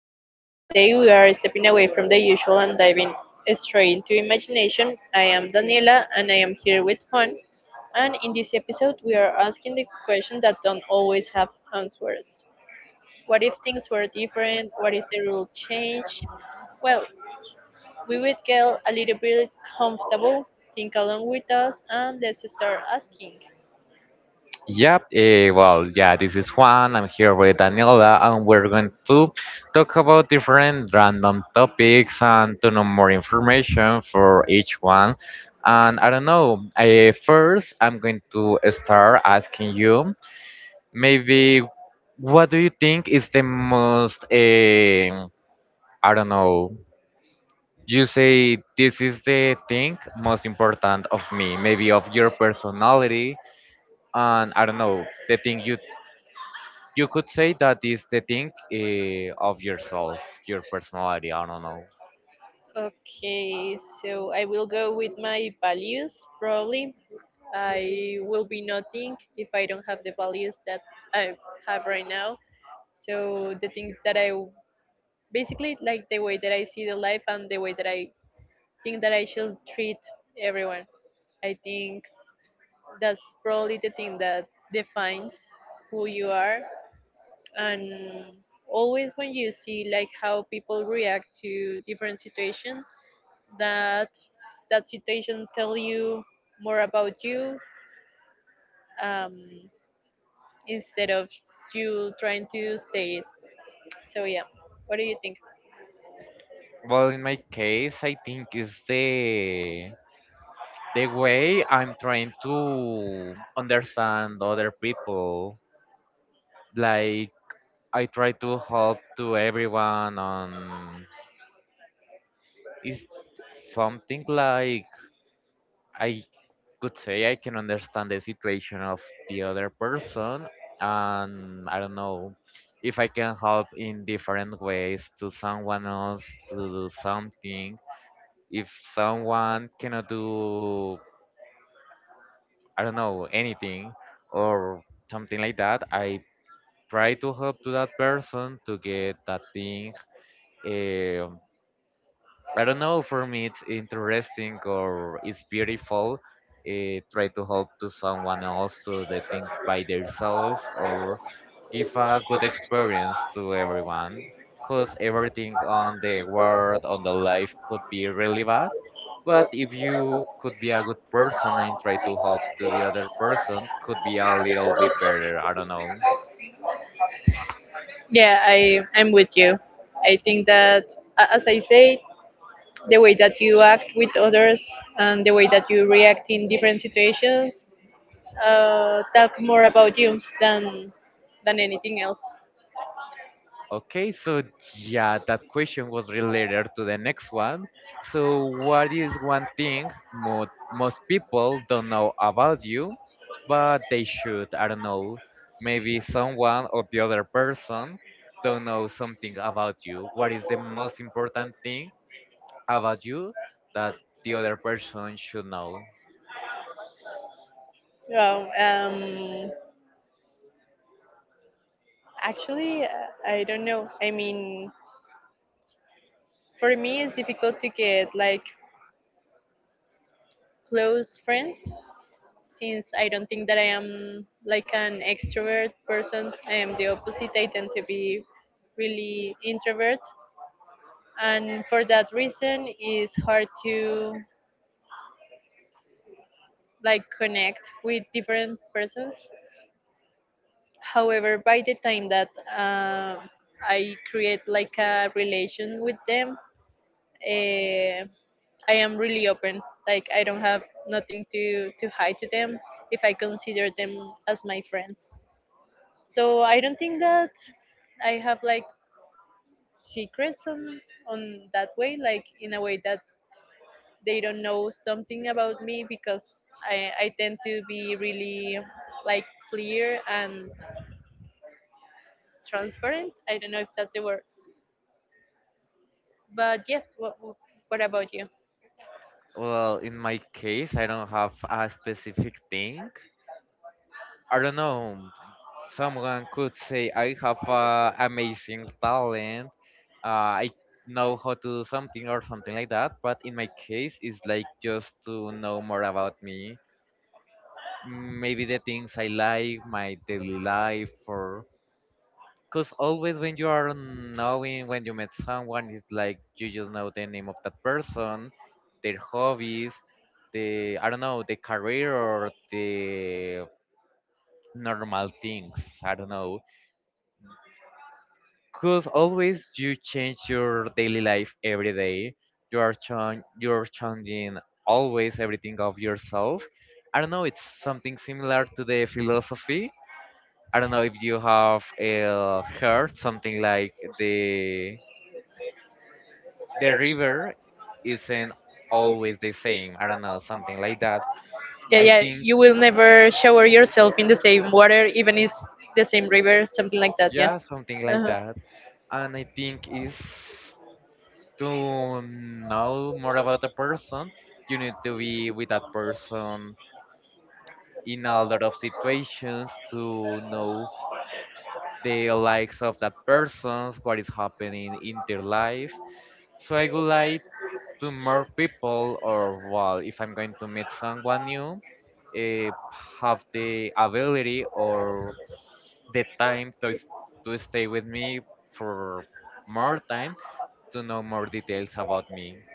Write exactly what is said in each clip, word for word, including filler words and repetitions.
podcast. Today we are stepping away from the usual and diving straight into imagination. I am Daniela, and I am here with Juan. And in this episode, we are asking the questions that don't always have answers. What if things were different? What if the rules changed? Well, we would get a little bit comfortable. Think along with us, and let's start asking. Yep, eh, well, yeah, this is Juan. I'm here with Daniela, and we're going to talk about different random topics and to know more information for each one. And I don't know, I, first, I'm going to start asking you maybe what do you think is the most, eh, I don't know, you say this is the thing most important of me, maybe of your personality, and I don't know, the thing you You could say that is the thing uh, of yourself, your personality. I don't know. Okay, so I will go with my values probably I will be nothing if I don't have the values that I have right now. So the things that I basically like the way that I see the life and the way that I think that I should treat everyone. I think that's probably the thing that defines who you are and always when you see like how people react to different situations that that situation tell you more about you um, instead of you trying to say it. So yeah, what do you think? Well, in my case, I think is the the way I'm trying to understand other people. Like I try to help to everyone on is something like I could say I can understand the situation of the other person, and I don't know if I can help in different ways to someone else to do something. If someone cannot do, I don't know, anything or something like that, I try to help to that person to get that thing. eh, I don't know. For me, it's interesting or it's beautiful. Uh, try to help to someone else to the things by themselves or give a good experience to everyone. Cause everything on the world, on the life could be really bad. But if you could be a good person and try to help to the other person, could be a little bit better. I don't know. Yeah, I I'm with you. I think that a- as I say, the way that you act with others and the way that you react in different situations uh, talk more about you than than anything else. Okay, so yeah, that question was related to the next one. So, what is one thing mo most people don't know about you, but they should? I don't know. Maybe someone or the other person don't know something about you. What is the most important thing about you that the other person should know? Well, um, actually, uh, I don't know. I mean, for me, it's difficult to get like close friends since I don't think that I am like an extrovert person. I am the opposite. I tend to be really introvert, and for that reason, it's hard to like connect with different persons. However, by the time that uh, I create like a relation with them, uh, I am really open. Like I don't have nothing to to hide to them if I consider them as my friends. So I don't think that I have like secrets on on that way, like in a way that they don't know something about me because i i tend to be really like clear and transparent. I don't know if that's the word, but yeah, what, what about you? Well, in my case, I don't have a specific thing. I don't know. Someone could say I have uh, amazing talent, uh, I know how to do something or something like that, but in my case it's like just to know more about me, maybe the things I like, my daily life. Or because always when you are knowing, when you met someone, it's like you just know the name of that person, their hobbies, the, I don't know, the career or the normal things. I don't know. Because always you change your daily life every day. You are chang you're changing always everything of yourself. I don't know. It's something similar to the philosophy. I don't know if you have uh, heard something like the the river isn't always the same. I don't know, something like that. Yeah, I yeah think you will never shower yourself in the same water, even is the same river, something like that. Yeah. yeah, something like Uh-huh. that. And I think is to know more about a person, you need to be with that person in a lot of situations to know the likes of that person, what is happening in their life. So I would like to more people, or well, if I'm going to meet someone new, uh, have the ability or the time to s- to stay with me for more time to know more details about me.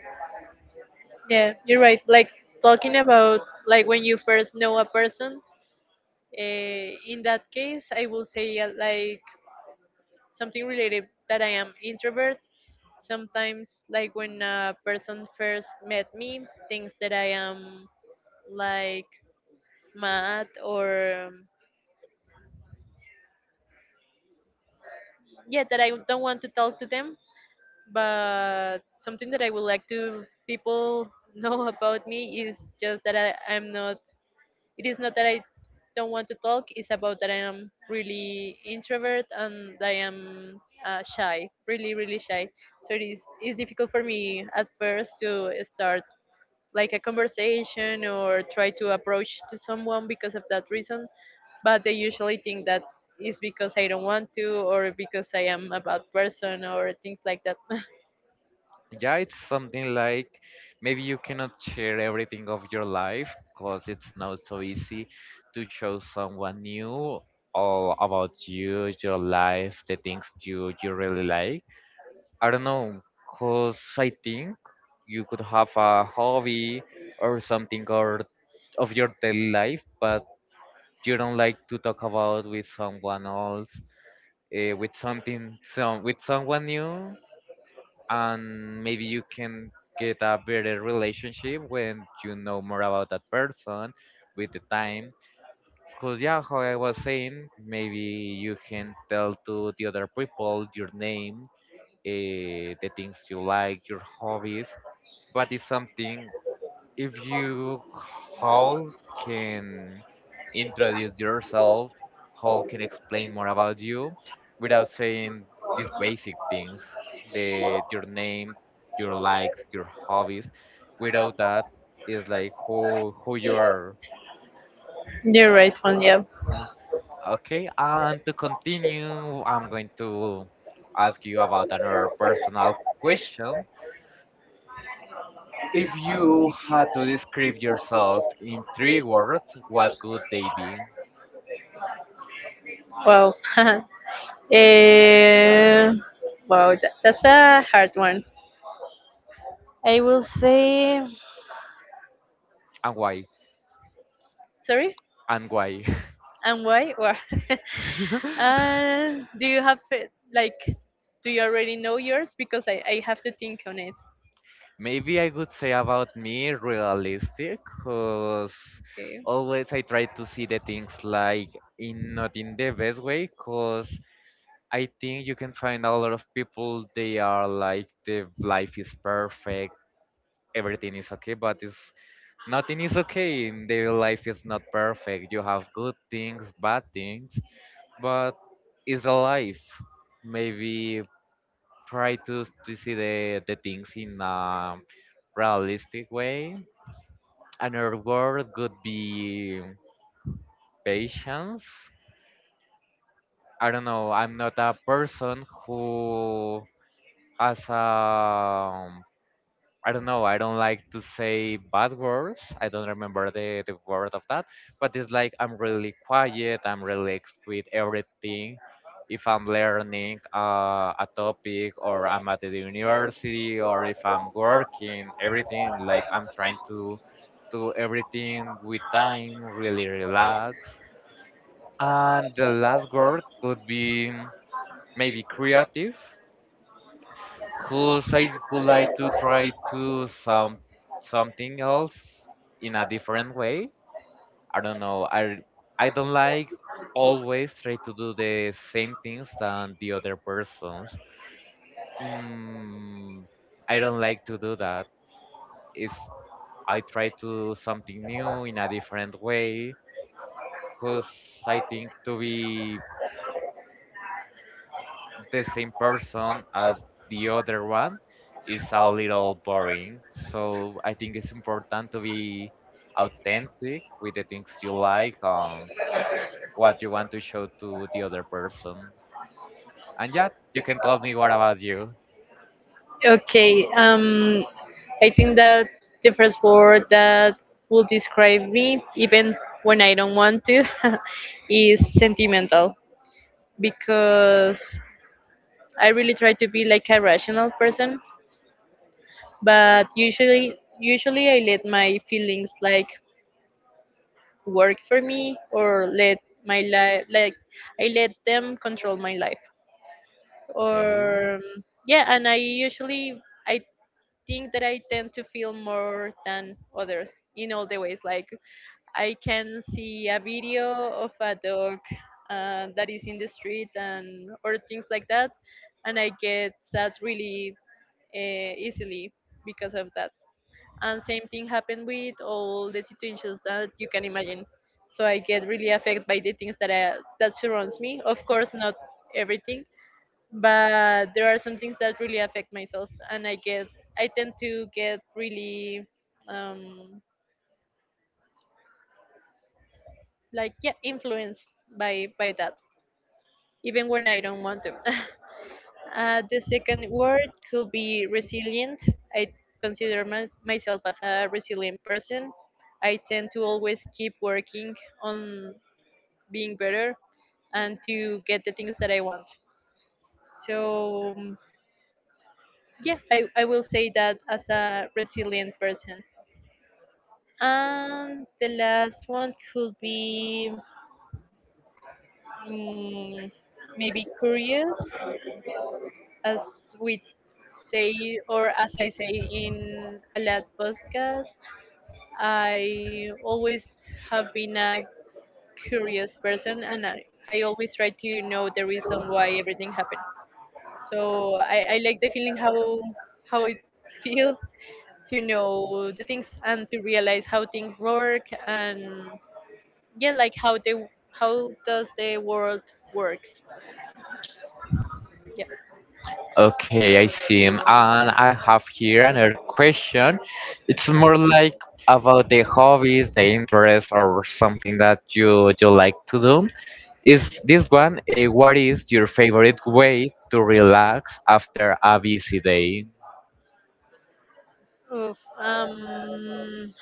Yeah, you're right. Like, talking about like when you first know a person. Uh, in that case, I will say uh, like something related that I am introvert. Sometimes, like when a person first met me, thinks that I am like mad or um, yeah, that I don't want to talk to them. But something that I would like to people know about me is just that I, I'm not. It is not that I don't want to talk, it's about that I am really introvert and I am uh, shy, really, really shy. So it is it's difficult for me at first to start like a conversation or try to approach to someone because of that reason. But they usually think that is because I don't want to or because I am a bad person or things like that. Yeah, it's something like maybe you cannot share everything of your life because it's not so easy to show someone new all about you, your life, the things you you really like. I don't know, cause I think you could have a hobby or something or of your daily life, but you don't like to talk about with someone else, uh, with something, some with someone new, and maybe you can get a better relationship when you know more about that person with the time. Cause yeah, how I was saying, maybe you can tell to the other people your name, uh, the things you like, your hobbies, but it's something if you how can introduce yourself, how can explain more about you without saying these basic things, the your name, your likes, your hobbies. Without that, it's like who who you are. You're right, one. Yeah. Uh, Okay, and to continue, I'm going to ask you about another personal question. If you had to describe yourself in three words, what would they be? Wow. Eh, wow, that, that's a hard one. I will say And why? sorry. And why? And why? Why? And do you have it? Like, do you already know yours? Because I I have to think on it. Maybe I would say about me realistic, because Okay. always I try to see the things like in not in the best way, because I think you can find a lot of people they are like the life is perfect, everything is okay, but it's nothing is okay. In their life is not perfect. You have good things, bad things, but it's a life. Maybe try to, to see the, the things in a realistic way. Another word could be patience. I don't know. I'm not a person who has a um, I don't know. I don't like to say bad words. I don't remember the, the word of that. But it's like I'm really quiet. I'm relaxed with everything. If I'm learning uh, a topic or I'm at the university or if I'm working, everything like I'm trying to do everything with time, really relax. And the last word could be maybe creative, whose I would like to try to some something else in a different way. I don't know. I I don't like always try to do the same things than the other persons. Mm, I don't like to do that. If I try to do something new in a different way, because I think to be the same person as the other one is a little boring. So I think it's important to be authentic with the things you like, um, what you want to show to the other person. And yeah, you can tell me what about you. Okay. Um, I think that the first word that will describe me, even when I don't want to, is sentimental. Because I really try to be like a rational person, but usually usually I let my feelings like work for me or let my life like I let them control my life Okay. or yeah, and I usually I think that I tend to feel more than others in all the ways. Like I can see a video of a dog uh, that is in the street and or things like that, and I get sad really uh, easily because of that, and same thing happened with all the situations that you can imagine. So I get really affected by the things that I, that surrounds me, of course not everything, but there are some things that really affect myself and I get I tend to get really um like yeah influenced by by that, even when I don't want to. Uh, the second word could be resilient. I consider mys myself as a resilient person. I tend to always keep working on being better and to get the things that I want. So, mm, yeah, I, I will say that as a resilient person. And the last one could be mm, maybe curious. As we say, or as I say in a lot podcast, I always have been a curious person and I, I always try to know the reason why everything happened. So I, I like the feeling how how it feels to know the things and to realize how things work and yeah, like how they how does the world works. Yeah. Okay, I see. And I have here another question. It's more like about the hobbies, the interests, or something that you you like to do. Is this one. Uh, what is your favorite way to relax after a busy day? Oof. um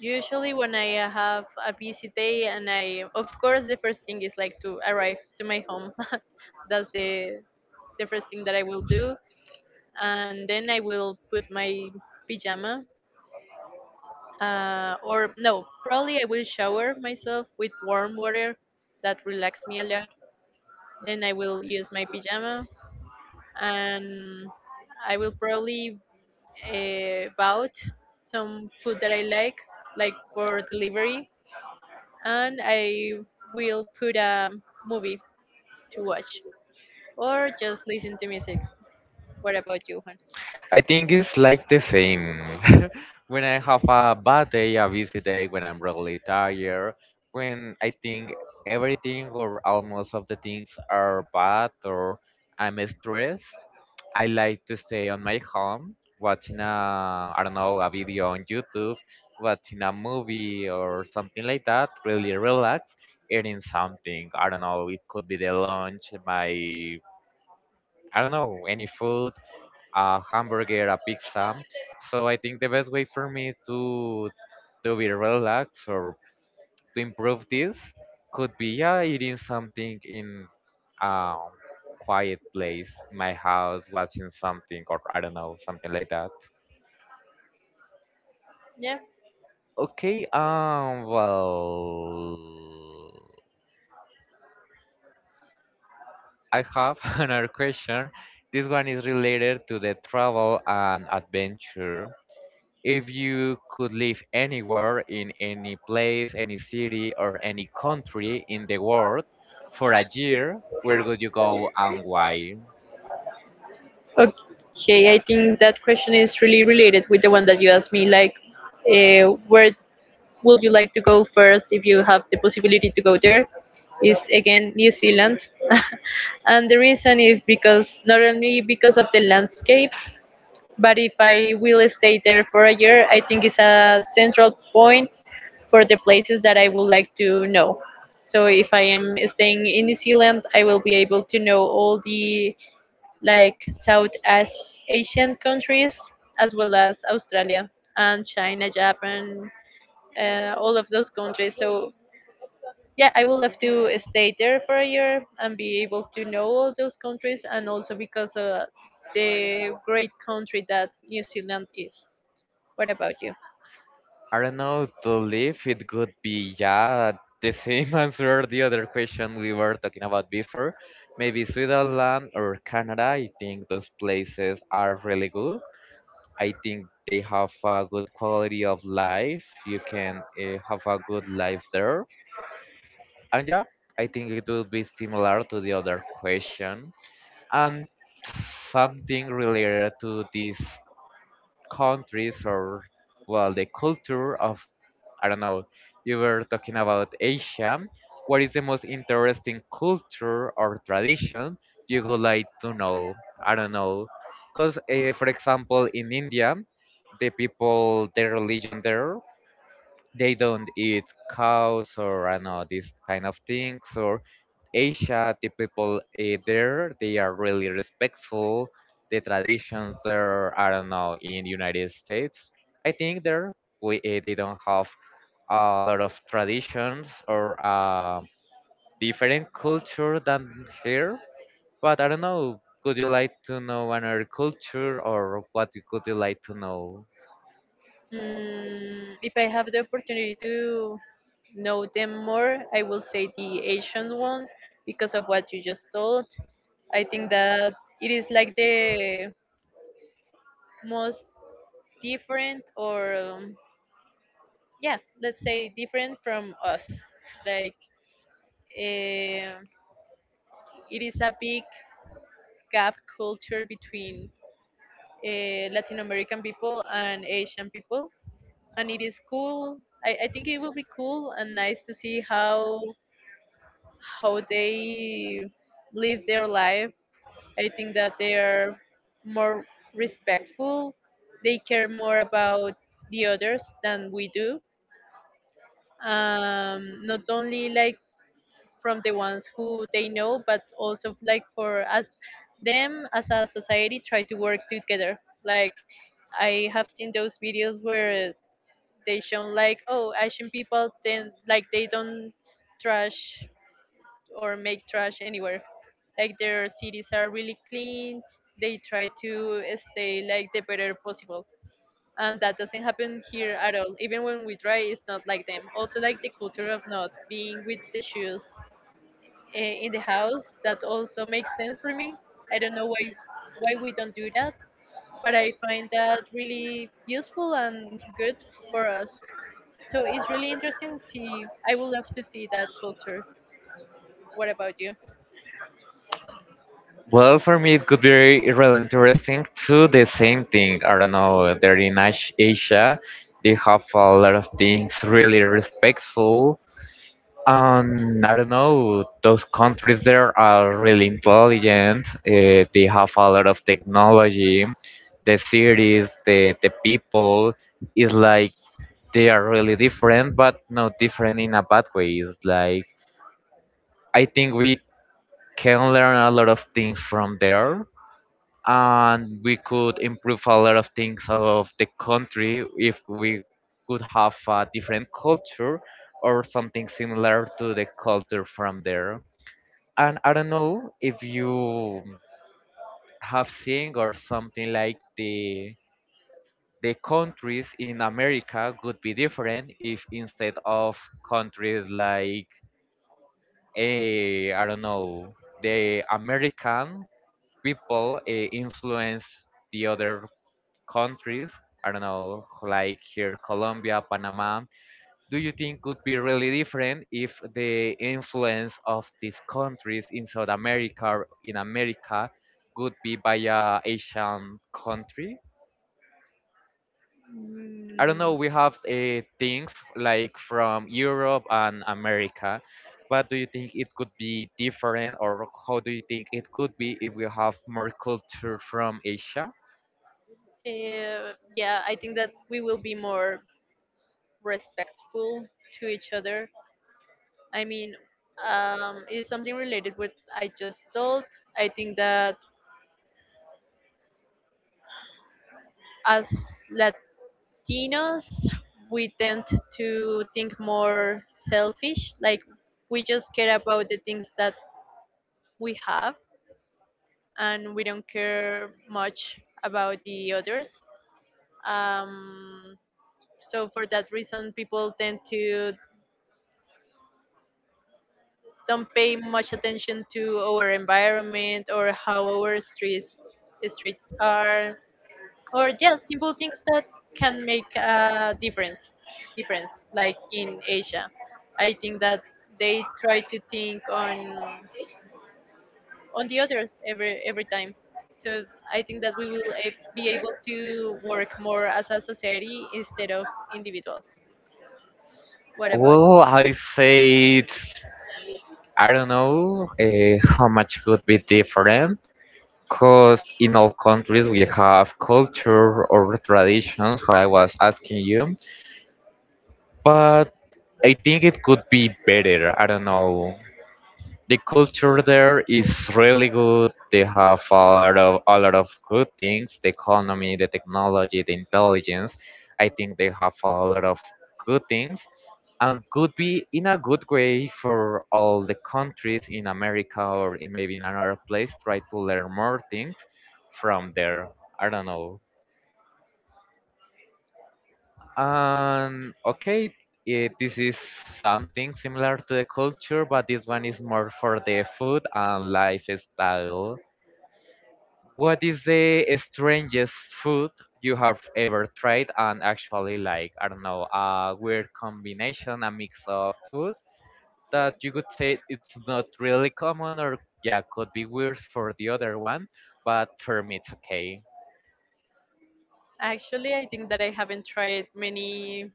Usually, when I uh, have a busy day, and I, of course, the first thing is like to arrive to my home. That's the the first thing that I will do, and then I will put my pajama, uh, or no, probably I will shower myself with warm water. That relax me a lot. Then I will use my pajama, and I will probably uh, bought some food that I like, like for delivery, and I will put a movie to watch or just listen to music. What about you, Juan? I think it's like the same. When I have a bad day, a busy day, when I'm really tired, when I think everything or almost of the things are bad or I'm stressed, I like to stay on my home watching a, I don't know, a video on YouTube, watching a movie or something like that, really relax, eating something. I don't know, it could be the lunch, my I don't know, any food, a hamburger, a pizza. So I think the best way for me to to be relaxed or to improve this could be yeah eating something in a quiet place, my house, watching something or I don't know something like that. Yeah. Okay, um, well, I have another question. This one is related to the travel and adventure. If you could live anywhere, in any place, any city, or any country in the world for a year, where would you go and why? Okay, I think that question is really related with the one that you asked me. Like, uh, where would you like to go first if you have the possibility to go there? Is again New Zealand, and the reason is because not only because of the landscapes, but if I will stay there for a year, I think it's a central point for the places that I would like to know. So if I am staying in New Zealand, I will be able to know all the like South As- Asian countries as well as Australia and China, Japan, uh, all of those countries. So yeah, I will have to stay there for a year and be able to know all those countries, and also because of the great country that New Zealand is. What about you? I don't know, to live, it could be, yeah, the same answer, the other question we were talking about before. Maybe Switzerland or Canada. I think those places are really good. I think they have a good quality of life. You can uh, have a good life there. And yeah, I think it will be similar to the other question. And something related to these countries or, well, the culture of, I don't know, you were talking about Asia. What is the most interesting culture or tradition you would like to know? I don't know. Because, uh, for example, in India, the people, their religion there, they don't eat cows or I don't know these kind of things, or Asia, the people eh, there, they are really respectful. The traditions there, I don't know, in United States, I think there we eh, they don't have a lot of traditions or uh, different culture than here. But I don't know. Could you like to know another culture, or what you- could you like to know? Mm, if I have the opportunity to know them more, I will say the Asian one because of what you just told. I think that it is like the most different, or um, yeah, let's say different from us. Like eh, it is a big gap culture between uh, Latin American people and Asian people, and it is cool. I, I think it will be cool and nice to see how how they live their life. I think that they are more respectful. They care more about the others than we do. Um, not only like from the ones who they know, but also like for us, them as a society try to work together. Like I have seen those videos where they shown like, oh, Asian people then like they don't trash or make trash anywhere. Like their cities are really clean. They try to stay like the better possible. And that doesn't happen here at all. Even when we try, it's not like them. Also, like the culture of not being with the shoes eh, in the house, that also makes sense for me. I don't know why why we don't do that, but I find that really useful and good for us. So it's really interesting to see. I would love to see that culture. What about you? Well, for me, it could be re- really interesting to the same thing. I don't know, they're in Ash- Asia, they have a lot of things really respectful. And I don't know, those countries there are really intelligent. Uh, they have a lot of technology. The cities, the, the people, is like they are really different, but not different in a bad way. It's like I think we can learn a lot of things from there and we could improve a lot of things of the country if we could have a different culture or something similar to the culture from there. And I don't know if you have seen or something like the the countries in America would be different if instead of countries like eh, I don't know the American people eh, influence the other countries, I don't know, like here, Colombia, Panama, do you think could be really different if the influence of these countries in South America or in America would be by a Asian country? I I don't don't Mm, know, know. we have uh, things like from Europe and America. What do you think it could be different, or how do you think it could be if we have more culture from Asia? eh, yeah, I think that we will be more respectful to each other. I mean, um, it's something related with I just told. I think that as Latinos, we tend to think more selfish. Like we just care about the things that we have, and we don't care much about the others. Um, So for that reason, people tend to don't pay much attention to our environment or how our streets streets are, or just simple things that can make a difference. Difference, like in Asia, I think that they try to think on on the others every every time. So I think that we will a- be able to work more as a society instead of individuals. What about Well, I say it's, I don't know uh, how much could be different, because in all countries we have culture or traditions, what I was asking you, but I think it could be better. I don't know. The culture there is really good. They have a lot of a lot of good things, the economy, the technology, the intelligence. I think they have a lot of good things, and could be in a good way for all the countries in America or in maybe in another place try to learn more things from there. I don't know. And okay, it, this is something similar to the culture, but this one is more for the food and lifestyle. What is the strangest food you have ever tried and actually like? I don't know, a weird combination, a mix of food that you could say it's not really common or yeah could be weird for the other one, but for me it's okay. Actually, I think that I haven't tried many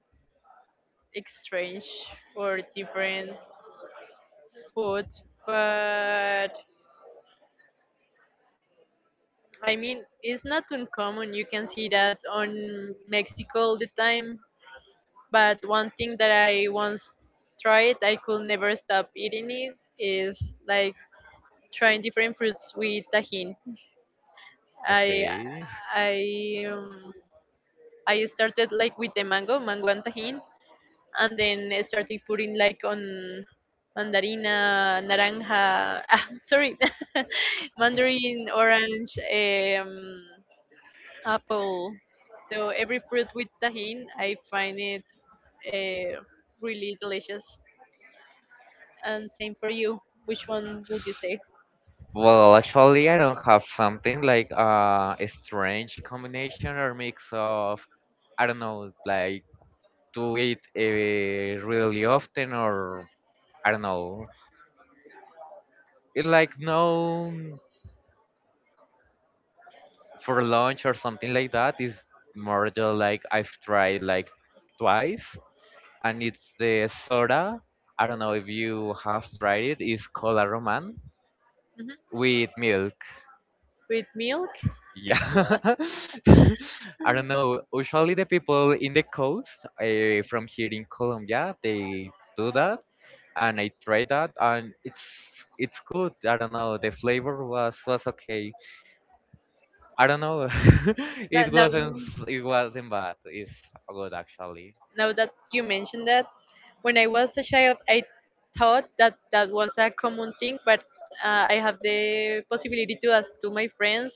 strange or different food, but I mean, it's not uncommon. You can see that on Mexico all the time. But one thing that I once tried, I could never stop eating it, is like trying different fruits with tajin. I Okay. I um, I started like with the mango mango and tajin, and then I started putting like on mandarina, naranja, ah, sorry, mandarin, orange, um, apple. So every fruit with tahin, I find it uh, really delicious. And same for you. Which one would you say? Well, actually, I don't have something like uh, a strange combination or mix of, I don't know, like to eat uh, really often or I don't know. It like no for lunch or something like that is more just like I've tried like twice, and it's the soda. I don't know if you have tried it. It's cola roman Hmm. with milk. With milk? Yeah. I don't know. Usually the people in the coast uh, from here in Colombia, they do that and I tried that and it's it's good. I don't know. The flavor was was okay. I don't know. It wasn't No, it wasn't bad. It's good actually. now that you mentioned that, when I was a child, I thought that that was a common thing, but uh, I have the possibility to ask to my friends,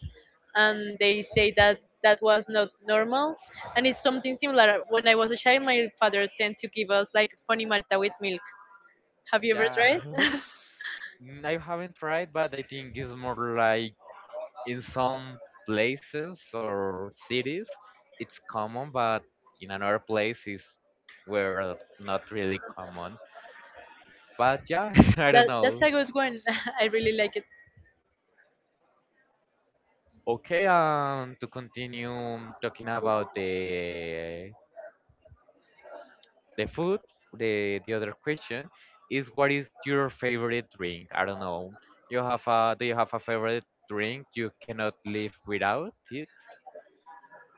and they say that that was not normal. And it's something similar. When I was a child, my father tend to give us like honey malta with milk. Have you ever Yeah. tried? Mm, I haven't tried, but I think it's more like in some places or cities it's common, but in another place is where uh, not really common, but yeah I That don't that's know. a good one. I really like it. Okay, um to continue talking about the the food, the the other question is, what is your favorite drink? I don't know, you have a do you have a favorite drink you cannot live without it?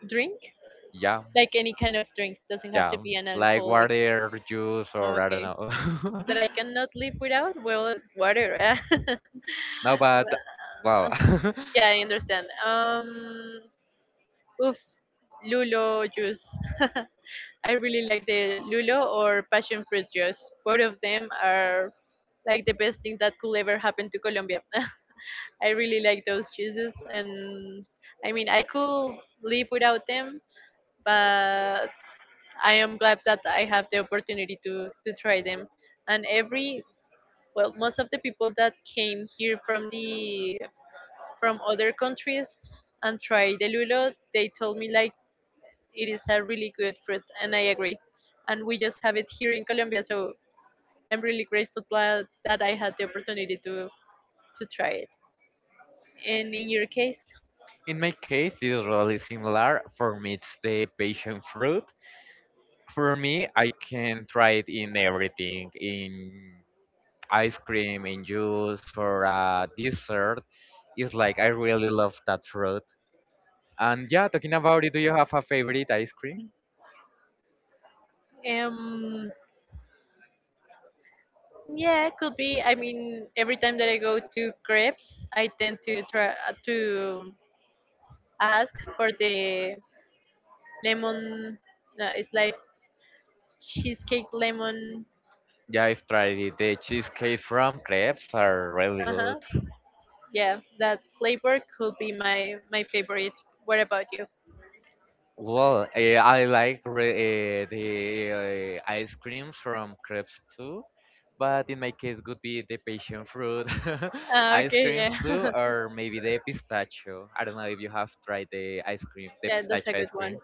Drink Yeah. like any kind of drink doesn't have to Yeah, be an like alcoholic. water, juice, or I don't Okay, know. that I cannot live without. Well, water. No, but wow. Yeah, I understand. Um, oof, lulo juice. I really like the lulo or passion fruit juice. Both of them are like the best thing that could ever happen to Colombia. I really like those juices, and I mean, I could live without them, but I am glad that I have the opportunity to to try them. And every well, most of the people that came here from the from other countries and try the lulo. They told me like it is a really good fruit, and I agree. And we just have it here in Colombia, so I'm really grateful tha- that I had the opportunity to to try it. And in your case, In my case, it's really similar. For me, it's the passion fruit. For me, I can try it in everything, in ice cream, in juice, for uh, dessert. It's like I really love that fruit. And yeah, talking about it, do you have a favorite ice cream? um, yeah, it could be. I mean, every time that I go to crepes, I tend to try uh, to ask for the lemon. No, it's like cheesecake lemon. Yeah, I've tried it. The cheesecake from crepes are really Uh good. huh. Yeah, that flavor could be my my favorite. What about you? Well, eh, I like re- eh, the uh, ice cream from crepes too, but in my case would be the passion fruit Ah, ice okay, cream yeah. too, or maybe the pistachio. I don't know if you have tried the ice cream, the Yeah, that's a pistachio good ice one. cream.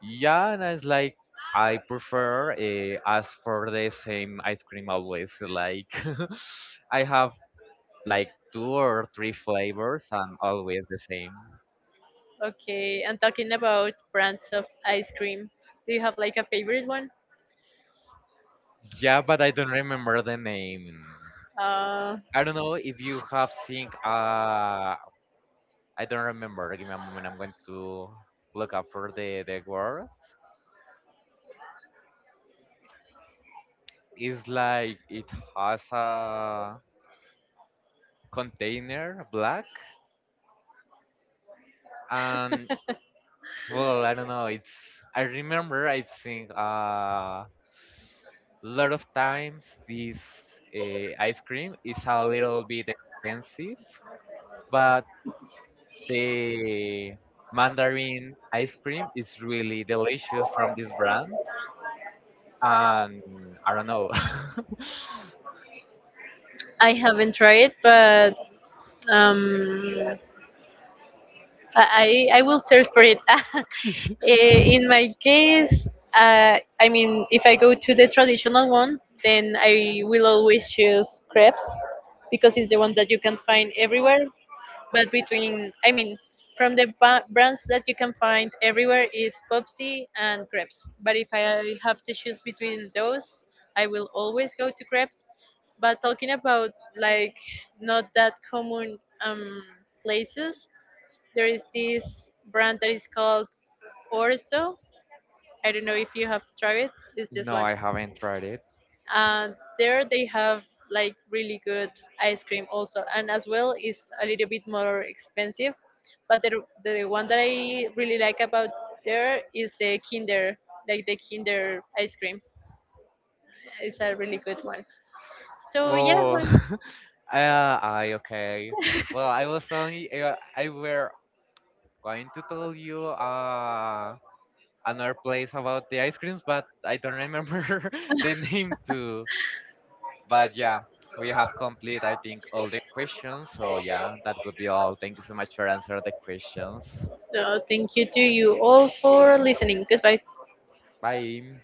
Yeah, and it's like I prefer uh, ask for the same ice cream always. Like I have like two or three flavors and always the same. Okay, and talking about brands of ice cream, do you have like a favorite one? Yeah, but I don't remember the name. Uh, I don't know if you have seen. Uh, I don't remember. Give me a moment. I'm going to look up for the the word. It's like it has a container black, and well, I don't know. It's I remember I've seen uh, a lot of times this uh, ice cream is a little bit expensive, but the mandarin ice cream is really delicious from this brand, and I don't know. I haven't tried, but um, I I I will search for it. Eh, in my case, uh, I mean, if I go to the traditional one, then I will always choose crepes because it's the one that you can find everywhere. But between, I mean, from the ba- brands that you can find everywhere is Popsy and crepes. But if I have to choose between those, I will always go to crepes. But talking about like not that common um, places, there is this brand that is called Orso. I don't know if you have tried it. It's this No, one. I haven't tried it. Uh, there they have like really good ice cream also, and as well is a little bit more expensive. But the the one that I really like about there is the Kinder, like the Kinder ice cream. It's a really good one. So yeah, Well, one. I, uh, I okay. Well, I was only uh, I were going to tell you uh another place about the ice creams, but I don't remember the name too. But yeah, we have complete I think all the questions. So yeah, that would be all. Thank you so much for answering the questions. So thank you to you all for listening. Goodbye. Bye.